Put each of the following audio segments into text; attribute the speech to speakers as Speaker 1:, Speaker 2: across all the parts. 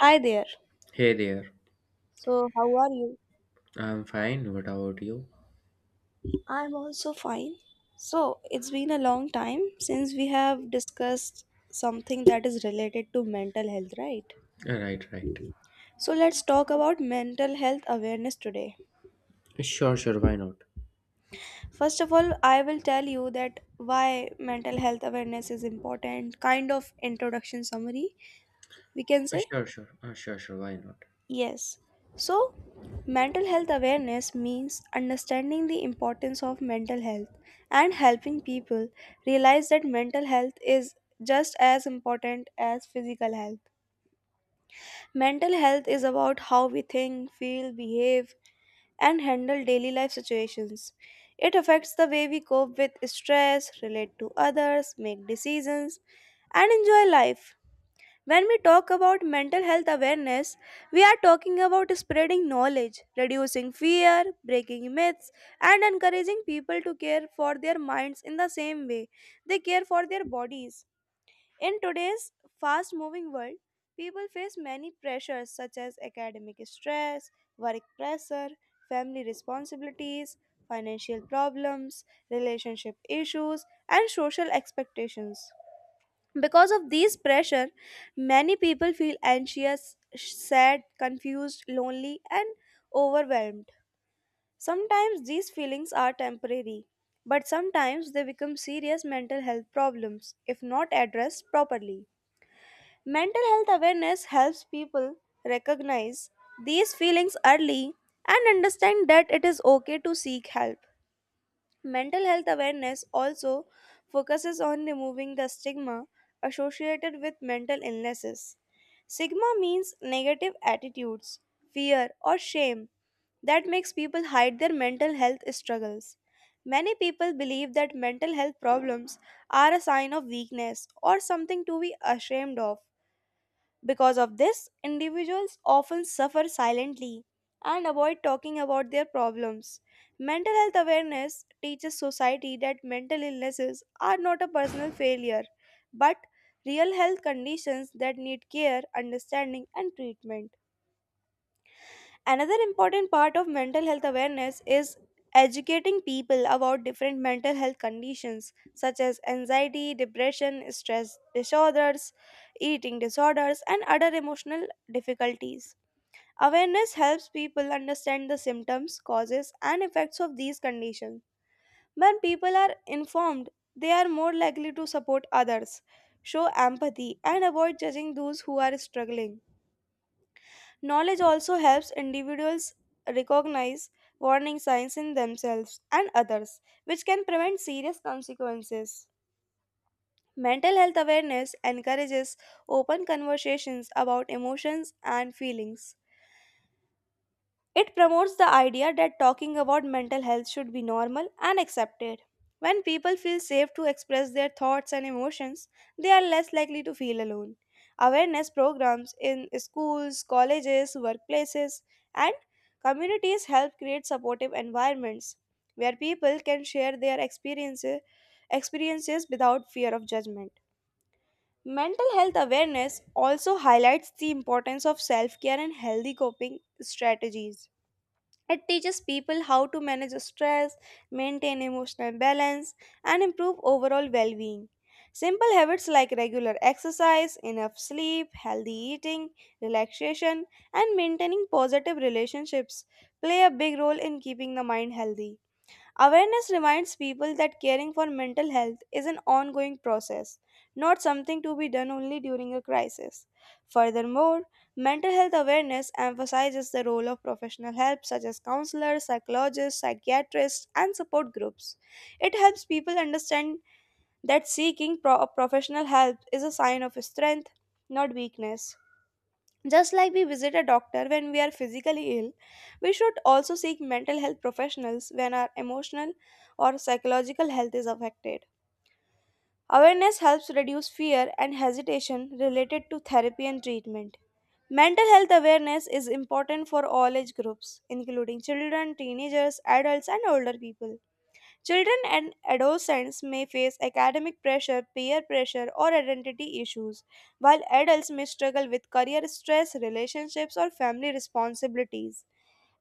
Speaker 1: Hi there.
Speaker 2: Hey there,
Speaker 1: So, how are you?
Speaker 2: I'm fine. What about you?
Speaker 1: I'm also fine. So, it's been a long time since we have discussed something that is related to mental health, right?
Speaker 2: Right, right.
Speaker 1: So, let's talk about mental health awareness today.
Speaker 2: Sure, sure, why not?
Speaker 1: First of all, I will tell you that why mental health awareness is important, kind of introduction summary, we can
Speaker 2: Uh,
Speaker 1: say.
Speaker 2: Sure, sure. Uh, sure, sure. Why not?
Speaker 1: Yes. So, mental health awareness means understanding the importance of mental health and helping people realize that mental health is just as important as physical health. Mental health is about how we think, feel, behave, and handle daily life situations. It affects the way we cope with stress, relate to others, make decisions, and enjoy life. When we talk about mental health awareness, we are talking about spreading knowledge, reducing fear, breaking myths, and encouraging people to care for their minds in the same way they care for their bodies. In today's fast moving world, people face many pressures such as academic stress, work pressure, family responsibilities, financial problems, relationship issues, and social expectations. Because of these pressure, many people feel anxious, sad, confused, lonely, and overwhelmed. Sometimes these feelings are temporary, but sometimes they become serious mental health problems if not addressed properly. Mental health awareness helps people recognize these feelings early and understand that it is okay to seek help. Mental health awareness also focuses on removing the stigma associated with mental illnesses. Stigma means negative attitudes, fear, or shame that makes people hide their mental health struggles. Many people believe that mental health problems are a sign of weakness or something to be ashamed of, because of this, individuals often suffer silently and avoid talking about their problems. Mental health awareness teaches society that mental illnesses are not a personal failure, but real health conditions that need care, understanding, and treatment. Another important part of mental health awareness is educating people about different mental health conditions such as anxiety, depression, stress disorders, eating disorders, and other emotional difficulties. Awareness helps people understand the symptoms, causes, and effects of these conditions. When people are informed, they are more likely to support others, show empathy, and avoid judging those who are struggling. Knowledge also helps individuals recognize warning signs in themselves and others, which can prevent serious consequences. Mental health awareness encourages open conversations about emotions and feelings. It promotes the idea that talking about mental health should be normal and accepted. When people feel safe to express their thoughts and emotions, they are less likely to feel alone. Awareness programs in schools, colleges, workplaces, and communities help create supportive environments where people can share their experiences without fear of judgment. Mental health awareness also highlights the importance of self-care and healthy coping strategies. It teaches people how to manage stress, maintain emotional balance, and improve overall well being. Simple habits like regular exercise, enough sleep, healthy eating, relaxation, and maintaining positive relationships play a big role in keeping the mind healthy. Awareness reminds people that caring for mental health is an ongoing process, not something to be done only during a crisis. Furthermore, mental health awareness emphasizes the role of professional help such as counselors, psychologists, psychiatrists, and support groups. It helps people understand that seeking professional help is a sign of strength, not weakness. Just like we visit a doctor when we are physically ill, we should also seek mental health professionals when our emotional or psychological health is affected. Awareness helps reduce fear and hesitation related to therapy and treatment. Mental health awareness is important for all age groups, including children, teenagers, adults, and older people. Children and adolescents may face academic pressure, peer pressure, or identity issues, while adults may struggle with career stress, relationships, or family responsibilities.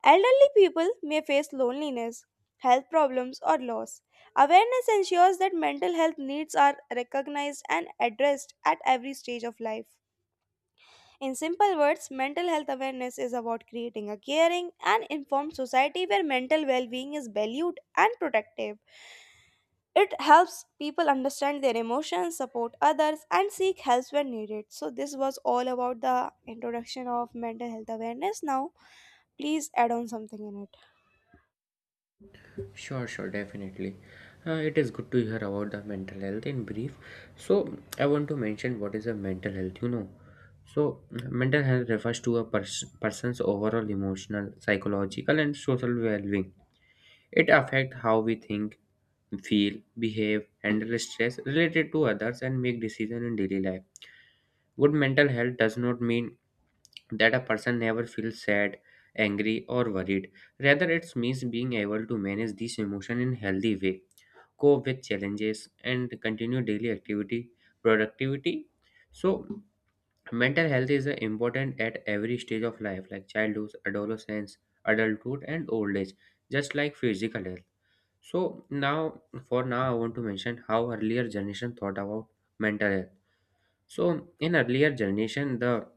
Speaker 1: Elderly people may face loneliness, health problems, or loss. Awareness ensures that mental health needs are recognized and addressed at every stage of life. In simple words, mental health awareness is about creating a caring and informed society where mental well being is valued and protective. It helps people understand their emotions, support others, and seek help when needed. So, this was all about the introduction of mental health awareness. Now, please add on something in it.
Speaker 2: Sure, sure. Definitely. It is good to hear about the mental health in brief. So, I want to mention what is a mental health, So, mental health refers to a person's overall emotional, psychological, and social well being. It affects how we think, feel, behave, handle stress related to others, and make decisions in daily life. Good mental health does not mean that a person never feels sad, angry, or worried. Rather, it means being able to manage these emotions in healthy way, cope with challenges, and continue daily activity, productivity. So, mental health is important at every stage of life, like childhood, adolescence, adulthood, and old age, just like physical health. So now, for now, I want to mention how earlier generation thought about mental health. So in earlier generation, the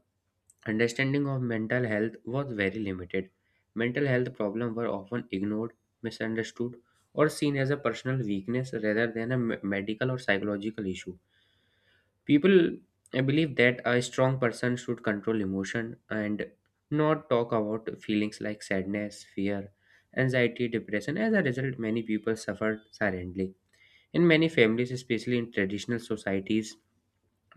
Speaker 2: understanding of mental health was very limited. Mental health problems were often ignored, misunderstood, or seen as a personal weakness rather than a medical or psychological issue. People believe that a strong person should control emotion and not talk about feelings like sadness, fear, anxiety, depression. As a result, many people suffered silently. In many families, especially in traditional societies,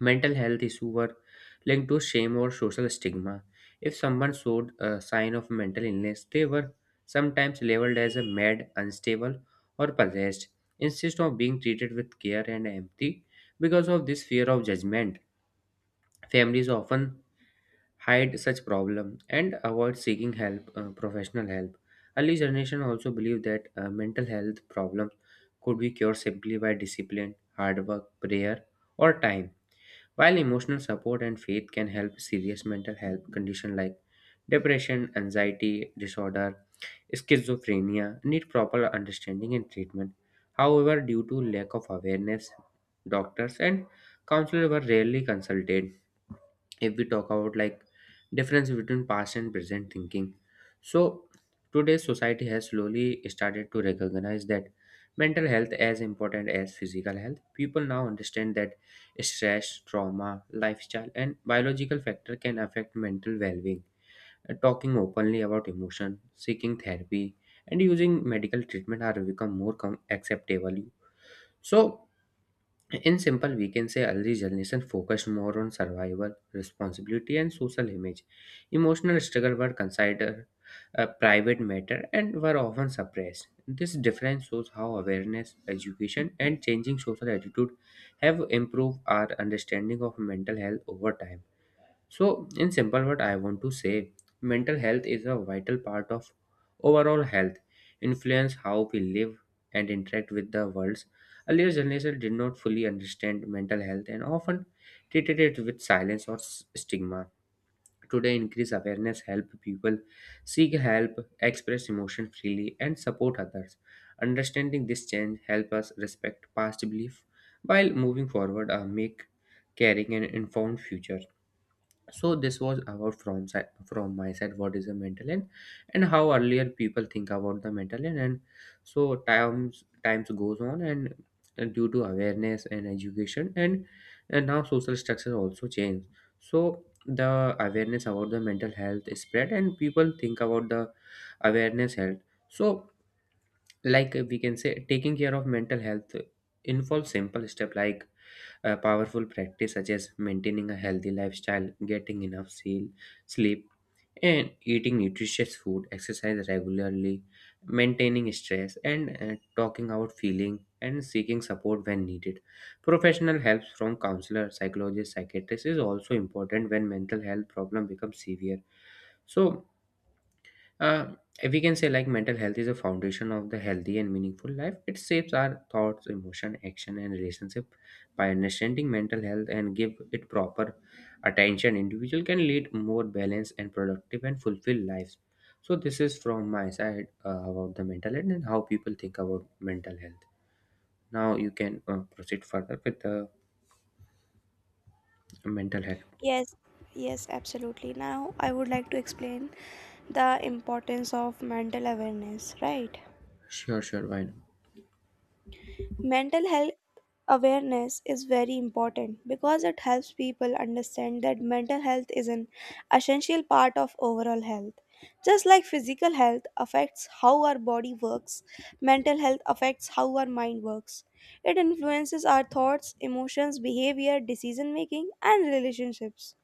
Speaker 2: mental health issues were linked to shame or social stigma. If someone showed a sign of mental illness, they were sometimes labeled as a mad, unstable, or possessed, instead of being treated with care and empathy. Because of this fear of judgment, families often hide such problem and avoid seeking help, professional help. Early generation also believed that mental health problems could be cured simply by discipline, hard work, prayer, or time while emotional support and faith can help serious mental health conditions like depression, anxiety disorder, schizophrenia need proper understanding and treatment. However, due to lack of awareness, doctors and counselors were rarely consulted. If we talk about like difference between past and present thinking, so today's society has slowly started to recognize that mental health as important as physical health. People now understand that stress, trauma, lifestyle and biological factor can affect mental well-being. Talking openly about emotion, seeking therapy, and using medical treatment are become more acceptable. So in simple, we can say early generation focused more on survival, responsibility, and social image. Emotional struggle were considered a private matter and were often suppressed. This difference shows how awareness, education, and changing social attitude have improved our understanding of mental health over time. So, in simple word, I want to say mental health is a vital part of overall health, influence how we live and interact with the world. Earlier generation did not fully understand mental health and often treated it with silence or stigma. Today, increased awareness help people seek help, express emotion freely, and support others. Understanding this change help us respect past belief while moving forward, make caring an informed future. So this was about from my side what is the mental health and how earlier people think about the mental health, and so times goes on, and due to awareness and education, and now social structure also change. So the awareness about the mental health is spread and people think about the awareness health. So like we can say taking care of mental health involves simple step like a powerful practice such as maintaining a healthy lifestyle, getting enough sleep, and eating nutritious food, exercise regularly, maintaining stress, and talking out feeling and seeking support when needed. Professional help from counselor, psychologist, psychiatrist is also important when mental health problem becomes severe. So uh, we can say like mental health is a foundation of the healthy and meaningful life. It shapes our thoughts, emotion, action, and relationship. By understanding mental health and give it proper attention, individual can lead more balanced and productive and fulfilled lives. So this is from my side about the mental health and how people think about mental health. Now you can proceed further with the mental health.
Speaker 1: Yes, yes, absolutely. Now, I would like to explain the importance of mental awareness, right?
Speaker 2: Sure, sure, why not?
Speaker 1: Mental health awareness is very important because it helps people understand that mental health is an essential part of overall health. Just like physical health affects how our body works, mental health affects how our mind works. It influences our thoughts, emotions, behavior, decision making, and relationships.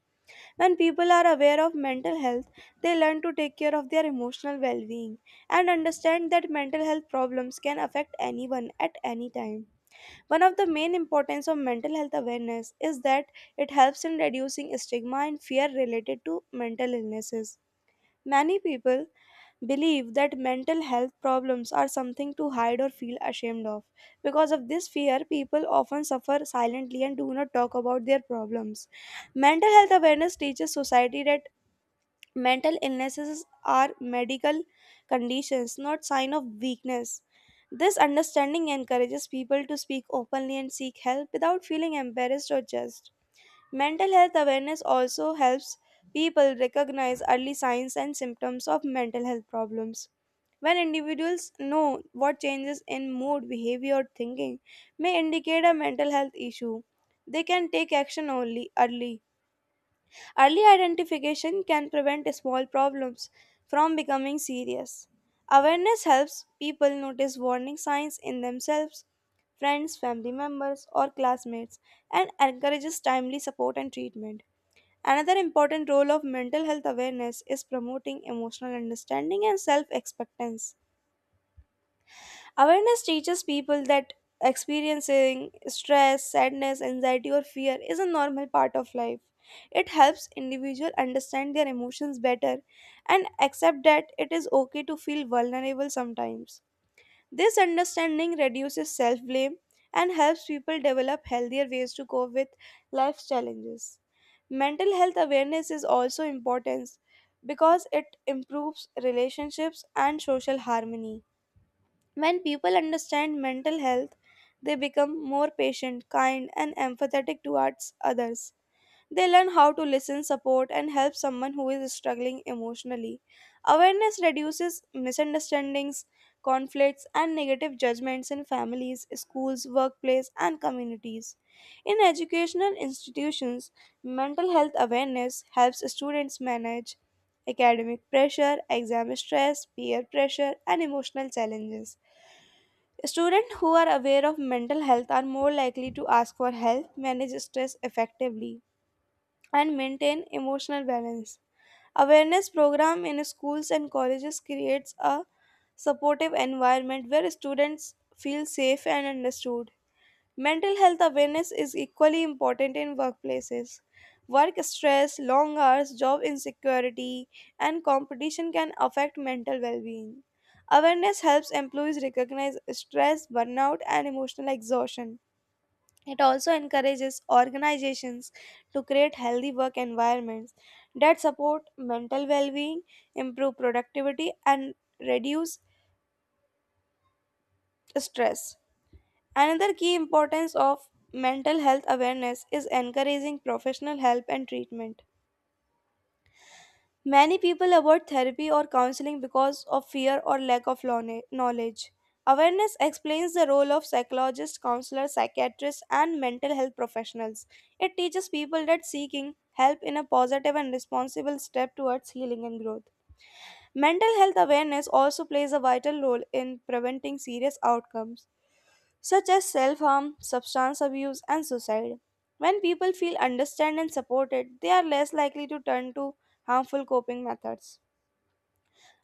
Speaker 1: When people are aware of mental health, they learn to take care of their emotional well being and understand that mental health problems can affect anyone at any time. One of the main importance of mental health awareness is that it helps in reducing stigma and fear related to mental illnesses. Many people believe that mental health problems are something to hide or feel ashamed of. Because of this fear, people often suffer silently and do not talk about their problems. Mental health awareness teaches society that mental illnesses are medical conditions, not sign of weakness. This understanding encourages people to speak openly and seek help without feeling embarrassed or judged. Mental health awareness also helps people recognize early signs and symptoms of mental health problems. When individuals know what changes in mood, behavior, or thinking may indicate a mental health issue, they can take action only early. Early identification can prevent small problems from becoming serious. Awareness helps people notice warning signs in themselves, friends, family members, or classmates, and encourages timely support and treatment. Another important role of mental health awareness is promoting emotional understanding and self acceptance. Awareness teaches people that experiencing stress, sadness, anxiety, or fear is a normal part of life. It helps individuals understand their emotions better and accept that it is okay to feel vulnerable sometimes. This understanding reduces self blame and helps people develop healthier ways to cope with life's challenges. Mental health awareness is also important because it improves relationships and social harmony. When people understand mental health, they become more patient, kind, and empathetic towards others. They learn how to listen, support, and help someone who is struggling emotionally. Awareness reduces misunderstandings, conflicts, and negative judgments in families, schools, workplace, and communities. In educational institutions, mental health awareness helps students manage academic pressure, exam stress, peer pressure, and emotional challenges. Students who are aware of mental health are more likely to ask for help, manage stress effectively, and maintain emotional balance. Awareness program in schools and colleges creates a supportive environment where students feel safe and understood. Mental health awareness is equally important in workplaces. Work stress, long hours, job insecurity, and competition can affect mental well being. Awareness helps employees recognize stress, burnout, and emotional exhaustion. It also encourages organizations to create healthy work environments that support mental well being, improve productivity, and reduce stress. Another key importance of mental health awareness is encouraging professional help and treatment. Many people avoid therapy or counseling because of fear or lack of knowledge. Awareness explains the role of psychologists, counselors, psychiatrists, and mental health professionals. It teaches people that seeking help in a positive and responsible step towards healing and growth. Mental health awareness also plays a vital role in preventing serious outcomes, such as self harm, substance abuse, and suicide. When people feel understood and supported, they are less likely to turn to harmful coping methods.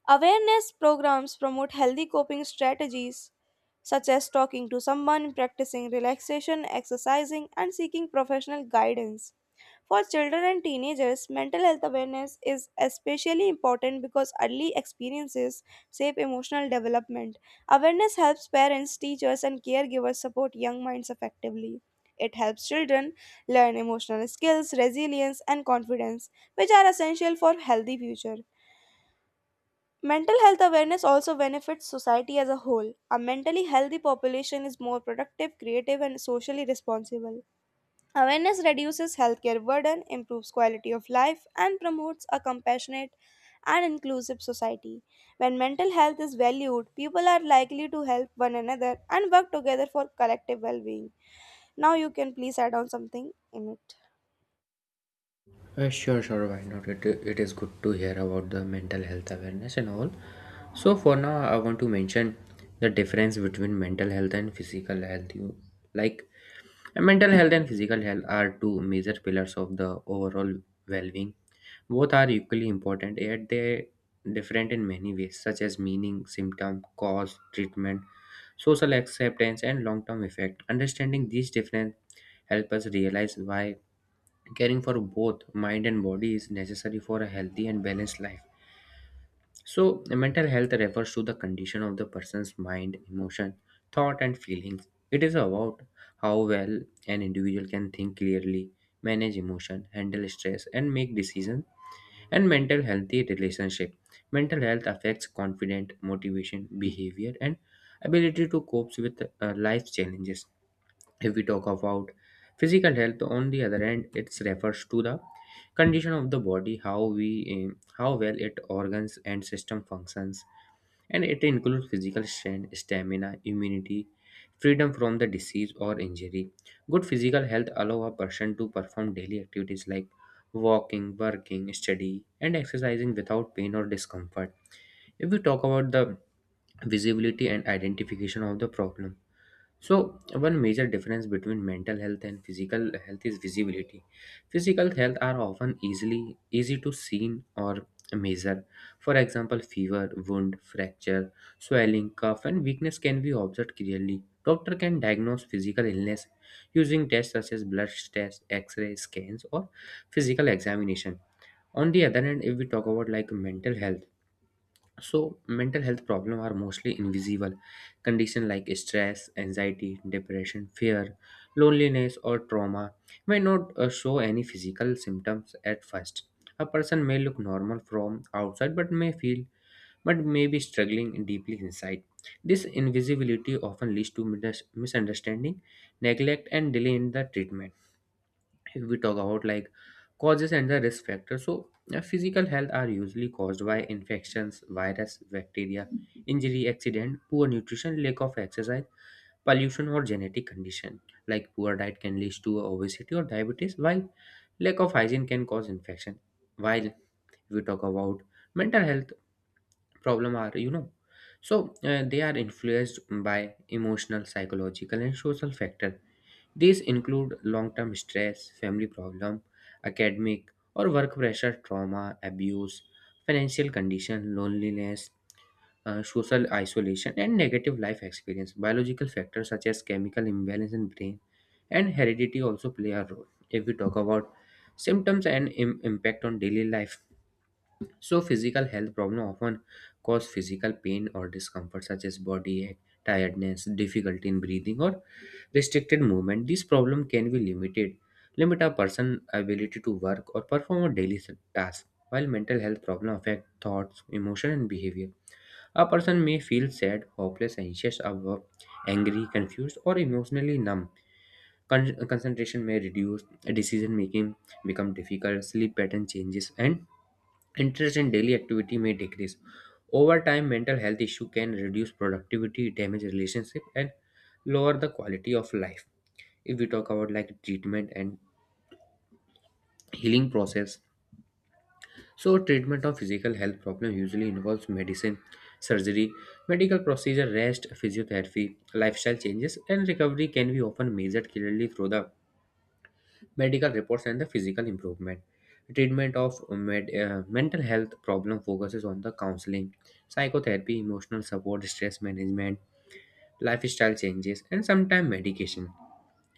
Speaker 1: Awareness programs promote healthy coping strategies such as talking to someone, practicing relaxation, exercising, and seeking professional guidance. For children and teenagers, mental health awareness is especially important because early experiences shape emotional development. Awareness helps parents, teachers, and caregivers support young minds effectively. It helps children learn emotional skills, resilience, and confidence, which are essential for healthy future. Mental health awareness also benefits society as a whole. A mentally healthy population is more productive, creative, and socially responsible. Awareness reduces healthcare burden, improves quality of life, and promotes a compassionate and inclusive society. When mental health is valued, people are likely to help one another and work together for collective well being. Now, you can please add on something in it.
Speaker 2: Sure, sure, why not? It is good to hear about the mental health awareness and all. So, for now, I want to mention the difference between mental health and physical health. You like mental health and physical health are two major pillars of the overall well being. Both are equally important, yet they different in many ways, such as meaning, symptom, cause, treatment, social acceptance, and long term effect. Understanding these differences help us realize why caring for both mind and body is necessary for a healthy and balanced life. So, mental health refers to the condition of the person's mind, emotion, thought, and feelings. It is about how well an individual can think clearly, manage emotion, handle stress, and make decisions, and mental healthy relationship. Mental health affects confidence, motivation, behavior, and ability to cope with life challenges. If we talk about physical health, on the other hand, it refers to the condition of the body, how we, how well it organs and system functions, and it includes physical strength, stamina, immunity, freedom from the disease or injury. Good physical health allow a person to perform daily activities like walking, working, study, and exercising without pain or discomfort. If we talk about the visibility and identification of the problem, so one major difference between mental health and physical health is visibility. Physical health are often easily easy to seen or measure. For example, fever, wound, fracture, swelling, cough, and weakness can be observed clearly. Doctor can diagnose physical illness using tests such as blood tests, X-ray scans, or physical examination. On the other hand, if we talk about like mental health, so mental health problems are mostly invisible. Conditions like stress, anxiety, depression, fear, loneliness, or trauma may not show any physical symptoms at first. A person may look normal from outside but may be struggling deeply inside. This invisibility often leads to misunderstanding, neglect, and delay in the treatment. If we talk about like causes and the risk factors, so physical health are usually caused by infections, virus, bacteria, injury, accident, poor nutrition, lack of exercise, pollution, or genetic condition. Like poor diet can lead to obesity or diabetes, while lack of hygiene can cause infection. While if we talk about mental health problem, are you know so they are influenced by emotional, psychological and social factor. These include long term stress, family problem, academic or work pressure, trauma, abuse, financial condition, loneliness, social isolation, and negative life experience. Biological factors such as chemical imbalance in brain and heredity also play a role. If we talk about symptoms and impact on daily life, so physical health problem often cause physical pain or discomfort such as body ache, tiredness, difficulty in breathing, or restricted movement. This problem can be limit a person's ability to work or perform a daily task. While mental health problems affect thoughts, emotion, and behavior, a person may feel sad, hopeless, anxious, above, angry, confused, or emotionally numb. Concentration may reduce, decision making become difficult, sleep pattern changes, and interest in daily activity may decrease. Over time, mental health issue can reduce productivity, damage relationship, and lower the quality of life. If we talk about like treatment and healing process, so treatment of physical health problem usually involves medicine, surgery, medical procedure, rest, physiotherapy, lifestyle changes, and recovery can be often measured clearly through the medical reports and the physical improvement. Treatment of mental health problem focuses on the counseling, psychotherapy, emotional support, stress management, lifestyle changes, and sometimes medication.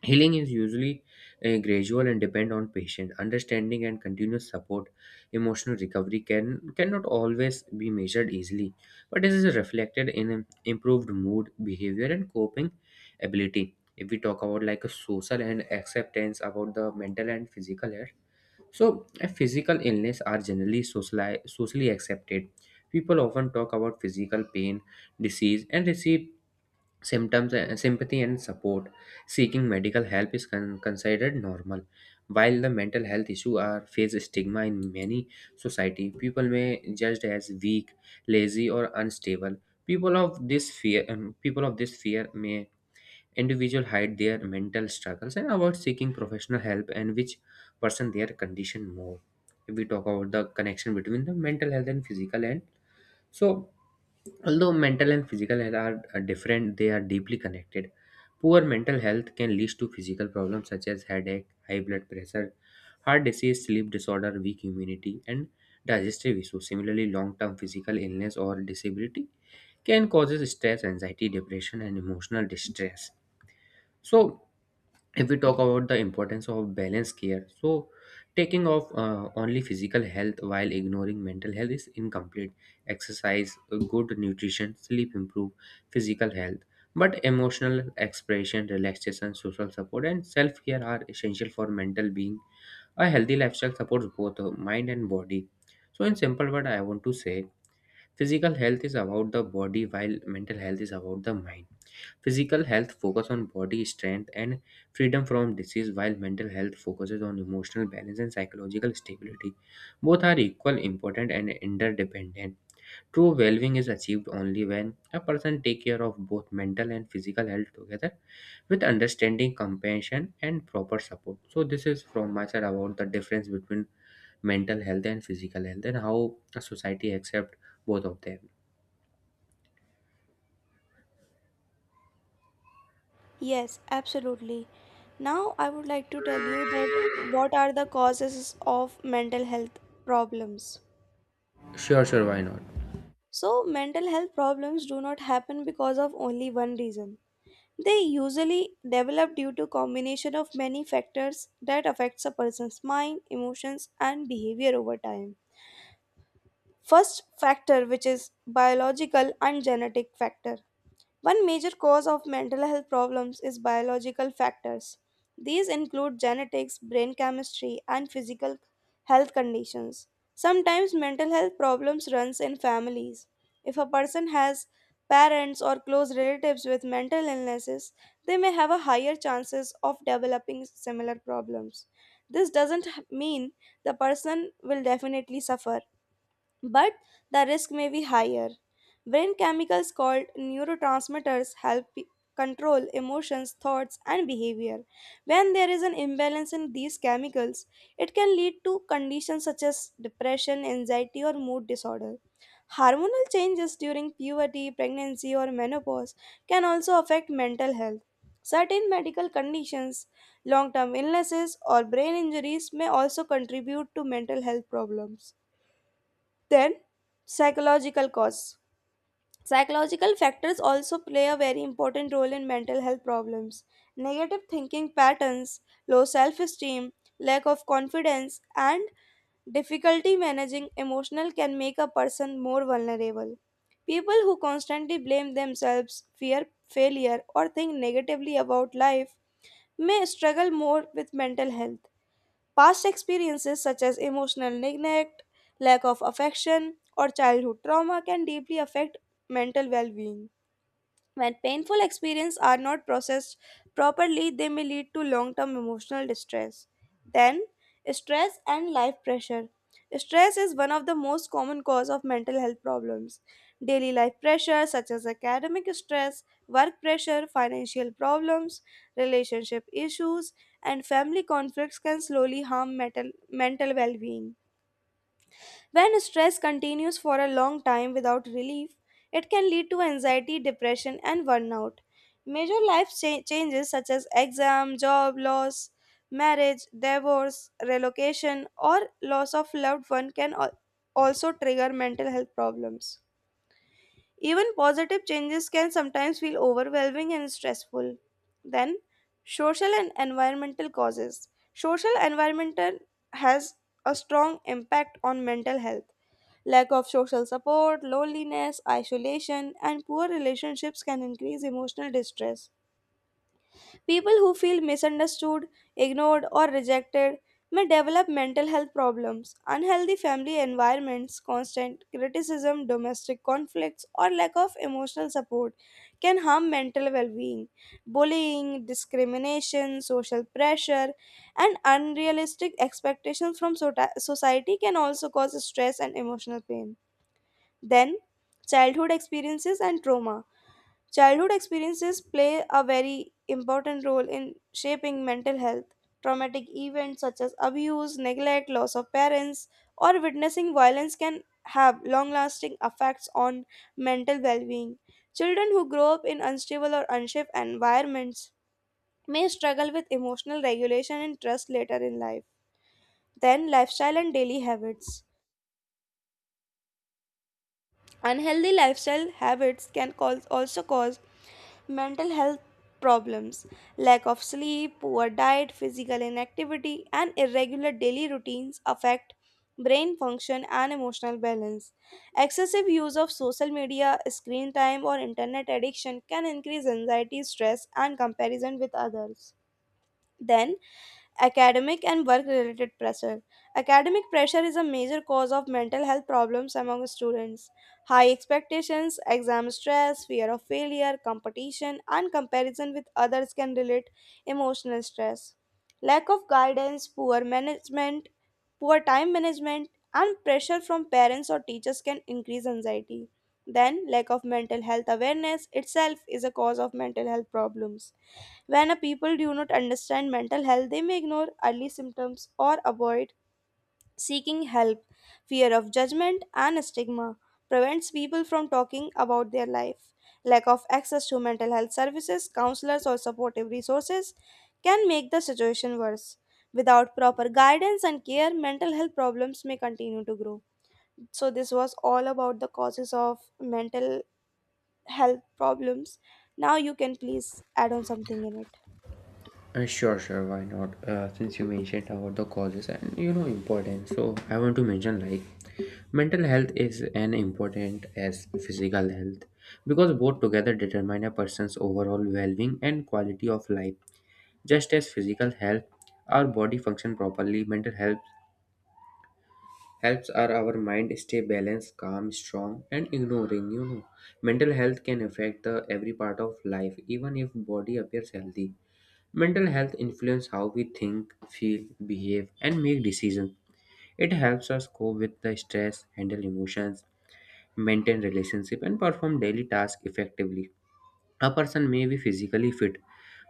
Speaker 2: Healing is usually gradual and depend on patient understanding and continuous support. Emotional recovery cannot always be measured easily, but this is reflected in improved mood, behavior, and coping ability. If we talk about like a social and acceptance about the mental and physical health, so a physical illness are generally socially accepted. People often talk about physical pain, disease, and receive symptoms and sympathy and support. Seeking medical help is considered normal, while the mental health issue are face stigma in many society. People may judged as weak, lazy or unstable. People of this fear may individual hide their mental struggles and avoid seeking professional help, and which person their condition more. If we talk about the connection between the mental health and physical health, so although mental and physical health are different, they are deeply connected. Poor mental health can lead to physical problems such as headache, high blood pressure, heart disease, sleep disorder, weak immunity, and digestive issues. Similarly, long term physical illness or disability can cause stress, anxiety, depression, and emotional distress. So, if we talk about the importance of balanced care, so taking off only physical health while ignoring mental health is incomplete. Exercise, good nutrition, sleep improve physical health, but emotional expression, relaxation, social support and self-care are essential for mental being. A healthy lifestyle supports both mind and body. So in simple word I want to say physical health is about the body, while mental health is about the mind. Physical health focuses on body strength and freedom from disease, while mental health focuses on emotional balance and psychological stability. Both are equal important and interdependent. True well-being is achieved only when a person take care of both mental and physical health together, with understanding, compassion and proper support. So this is from my side about the difference between mental health and physical health and how a society accept both of them.
Speaker 1: Yes, absolutely. Now, I would like to tell you that what are the causes of mental health problems.
Speaker 2: Sure, sure, why not?
Speaker 1: So, mental health problems do not happen because of only one reason. They usually develop due to combination of many factors that affects a person's mind, emotions and behavior over time. First factor which is biological and genetic factor. One major cause of mental health problems is biological factors. These include genetics, brain chemistry, and physical health conditions. Sometimes mental health problems runs in families. If a person has parents or close relatives with mental illnesses, they may have a higher chances of developing similar problems. This doesn't mean the person will definitely suffer, but the risk may be higher. Brain chemicals called neurotransmitters help control emotions, thoughts, and behavior. When there is an imbalance in these chemicals, it can lead to conditions such as depression, anxiety, or mood disorder. Hormonal changes during puberty, pregnancy, or menopause can also affect mental health. Certain medical conditions, long term illnesses, or brain injuries may also contribute to mental health problems. Then, psychological cause. Psychological factors also play a very important role in mental health problems. Negative thinking patterns, low self esteem, lack of confidence, and difficulty managing emotional can make a person more vulnerable. People who constantly blame themselves, fear failure, or think negatively about life may struggle more with mental health. Past experiences such as emotional neglect, lack of affection, or childhood trauma can deeply affect mental well being. When painful experiences are not processed properly, they may lead to long term emotional distress. Then, stress and life pressure. Stress is one of the most common cause of mental health problems. Daily life pressure such as academic stress, work pressure, financial problems, relationship issues, and family conflicts can slowly harm mental well-being. When stress continues for a long time without relief, it can lead to anxiety, depression, and burnout. Major life changes such as exam, job loss, marriage, divorce, relocation, or loss of loved one can also trigger mental health problems. Even positive changes can sometimes feel overwhelming and stressful. Then, social and environmental causes. Social environmental has a strong impact on mental health. Lack of social support, loneliness, isolation, and poor relationships can increase emotional distress. People who feel misunderstood, ignored, or rejected may develop mental health problems. Unhealthy family environments, constant criticism, domestic conflicts, or lack of emotional support can harm mental well being. Bullying, discrimination, social pressure, and unrealistic expectations from society can also cause stress and emotional pain. Then, childhood experiences and trauma. Childhood experiences play a very important role in shaping mental health. Traumatic events such as abuse, neglect, loss of parents, or witnessing violence can have long lasting effects on mental well being. Children who grow up in unstable or unsafe environments may struggle with emotional regulation and trust later in life. Then, lifestyle and daily habits. Unhealthy lifestyle habits can also cause mental health problems, lack of sleep, poor diet, physical inactivity, and irregular daily routines affect brain function and emotional balance. Excessive use of social media, screen time, or internet addiction can increase anxiety, stress, and comparison with others. Then, academic and work related pressure. Academic pressure is a major cause of mental health problems among students. High expectations, exam stress, fear of failure, competition, and comparison with others can relate emotional stress. Lack of guidance, poor time management, and pressure from parents or teachers can increase anxiety. Then, lack of mental health awareness itself is a cause of mental health problems. When a people do not understand mental health, they may ignore early symptoms or avoid seeking help. Fear of judgment and stigma prevents people from talking about their life. Lack of access to mental health services, counselors, or supportive resources can make the situation worse. Without proper guidance and care, mental health problems may continue to grow. So, this was all about the causes of mental health problems. Now, you can please add on something in it.
Speaker 2: Sure, sure, why not? Since you mentioned about the causes and you know importance, so I want to mention like mental health is an important as physical health, because both together determine a person's overall well-being and quality of life. Just as physical health, our body function properly, mental health helps our mind stay balanced, calm, strong, and ignoring. You know, mental health can affect the every part of life, even if body appears healthy. Mental health influences how we think, feel, behave, and make decisions. It helps us cope with the stress, handle emotions, maintain relationships, and perform daily tasks effectively. A person may be physically fit,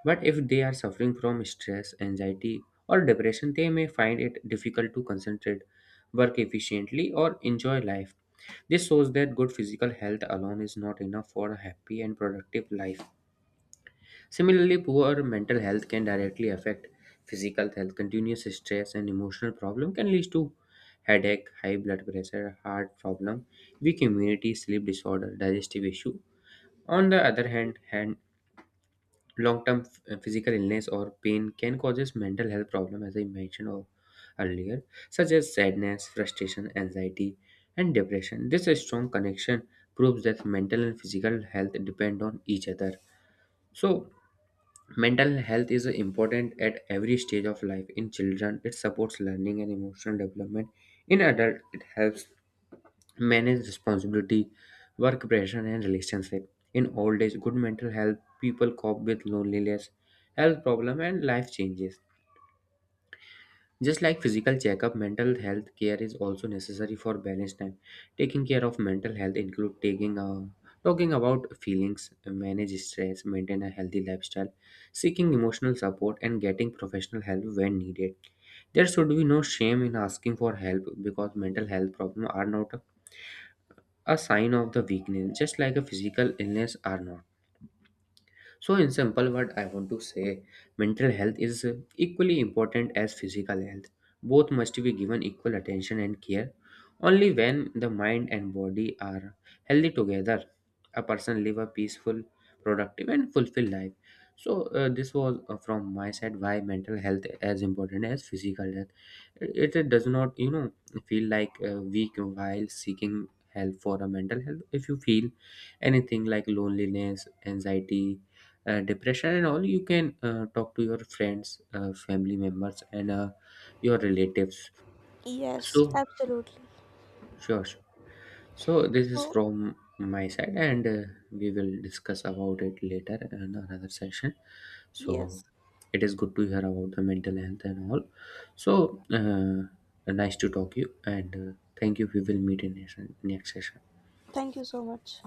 Speaker 2: but if they are suffering from stress, anxiety, or depression, they may find it difficult to concentrate, work efficiently, or enjoy life. This shows that good physical health alone is not enough for a happy and productive life. Similarly, poor mental health can directly affect physical health. Continuous stress and emotional problem can lead to headache, high blood pressure, heart problem, weak immunity, sleep disorder, digestive issue. On the other hand, physical illness or pain can causes mental health problem, as I mentioned earlier, such as sadness, frustration, anxiety, and depression. This strong connection proves that mental and physical health depend on each other. So mental health is important at every stage of life. In children, it supports learning and emotional development. In adult, it helps manage responsibility, work pressure, and relationship. In old age, good mental health, people cope with loneliness, health problem, and life changes. Just like physical checkup, mental health care is also necessary for balanced time. Taking care of mental health include taking a talking about feelings, manage stress, maintain a healthy lifestyle, seeking emotional support and getting professional help when needed. There should be no shame in asking for help, because mental health problems are not a sign of the weakness, just like a physical illness are not. So, in simple word, I want to say mental health is equally important as physical health. Both must be given equal attention and care. Only when the mind and body are healthy together, a person live a peaceful, productive, and fulfilled life. So, this was from my side why mental health as important as physical health. It does not, you know, feel like weak while seeking help for a mental health. If you feel anything like loneliness, anxiety, depression and all, you can talk to your friends, family members, and your relatives.
Speaker 1: Yes,
Speaker 2: So
Speaker 1: absolutely.
Speaker 2: sure, sure. So this is
Speaker 1: So,
Speaker 2: from my side, and we will discuss about it later in another session.
Speaker 1: yes,
Speaker 2: So it is good to hear about the mental health and all. So nice to talk you, and thank you. We will meet in next next session.
Speaker 1: thank you so much.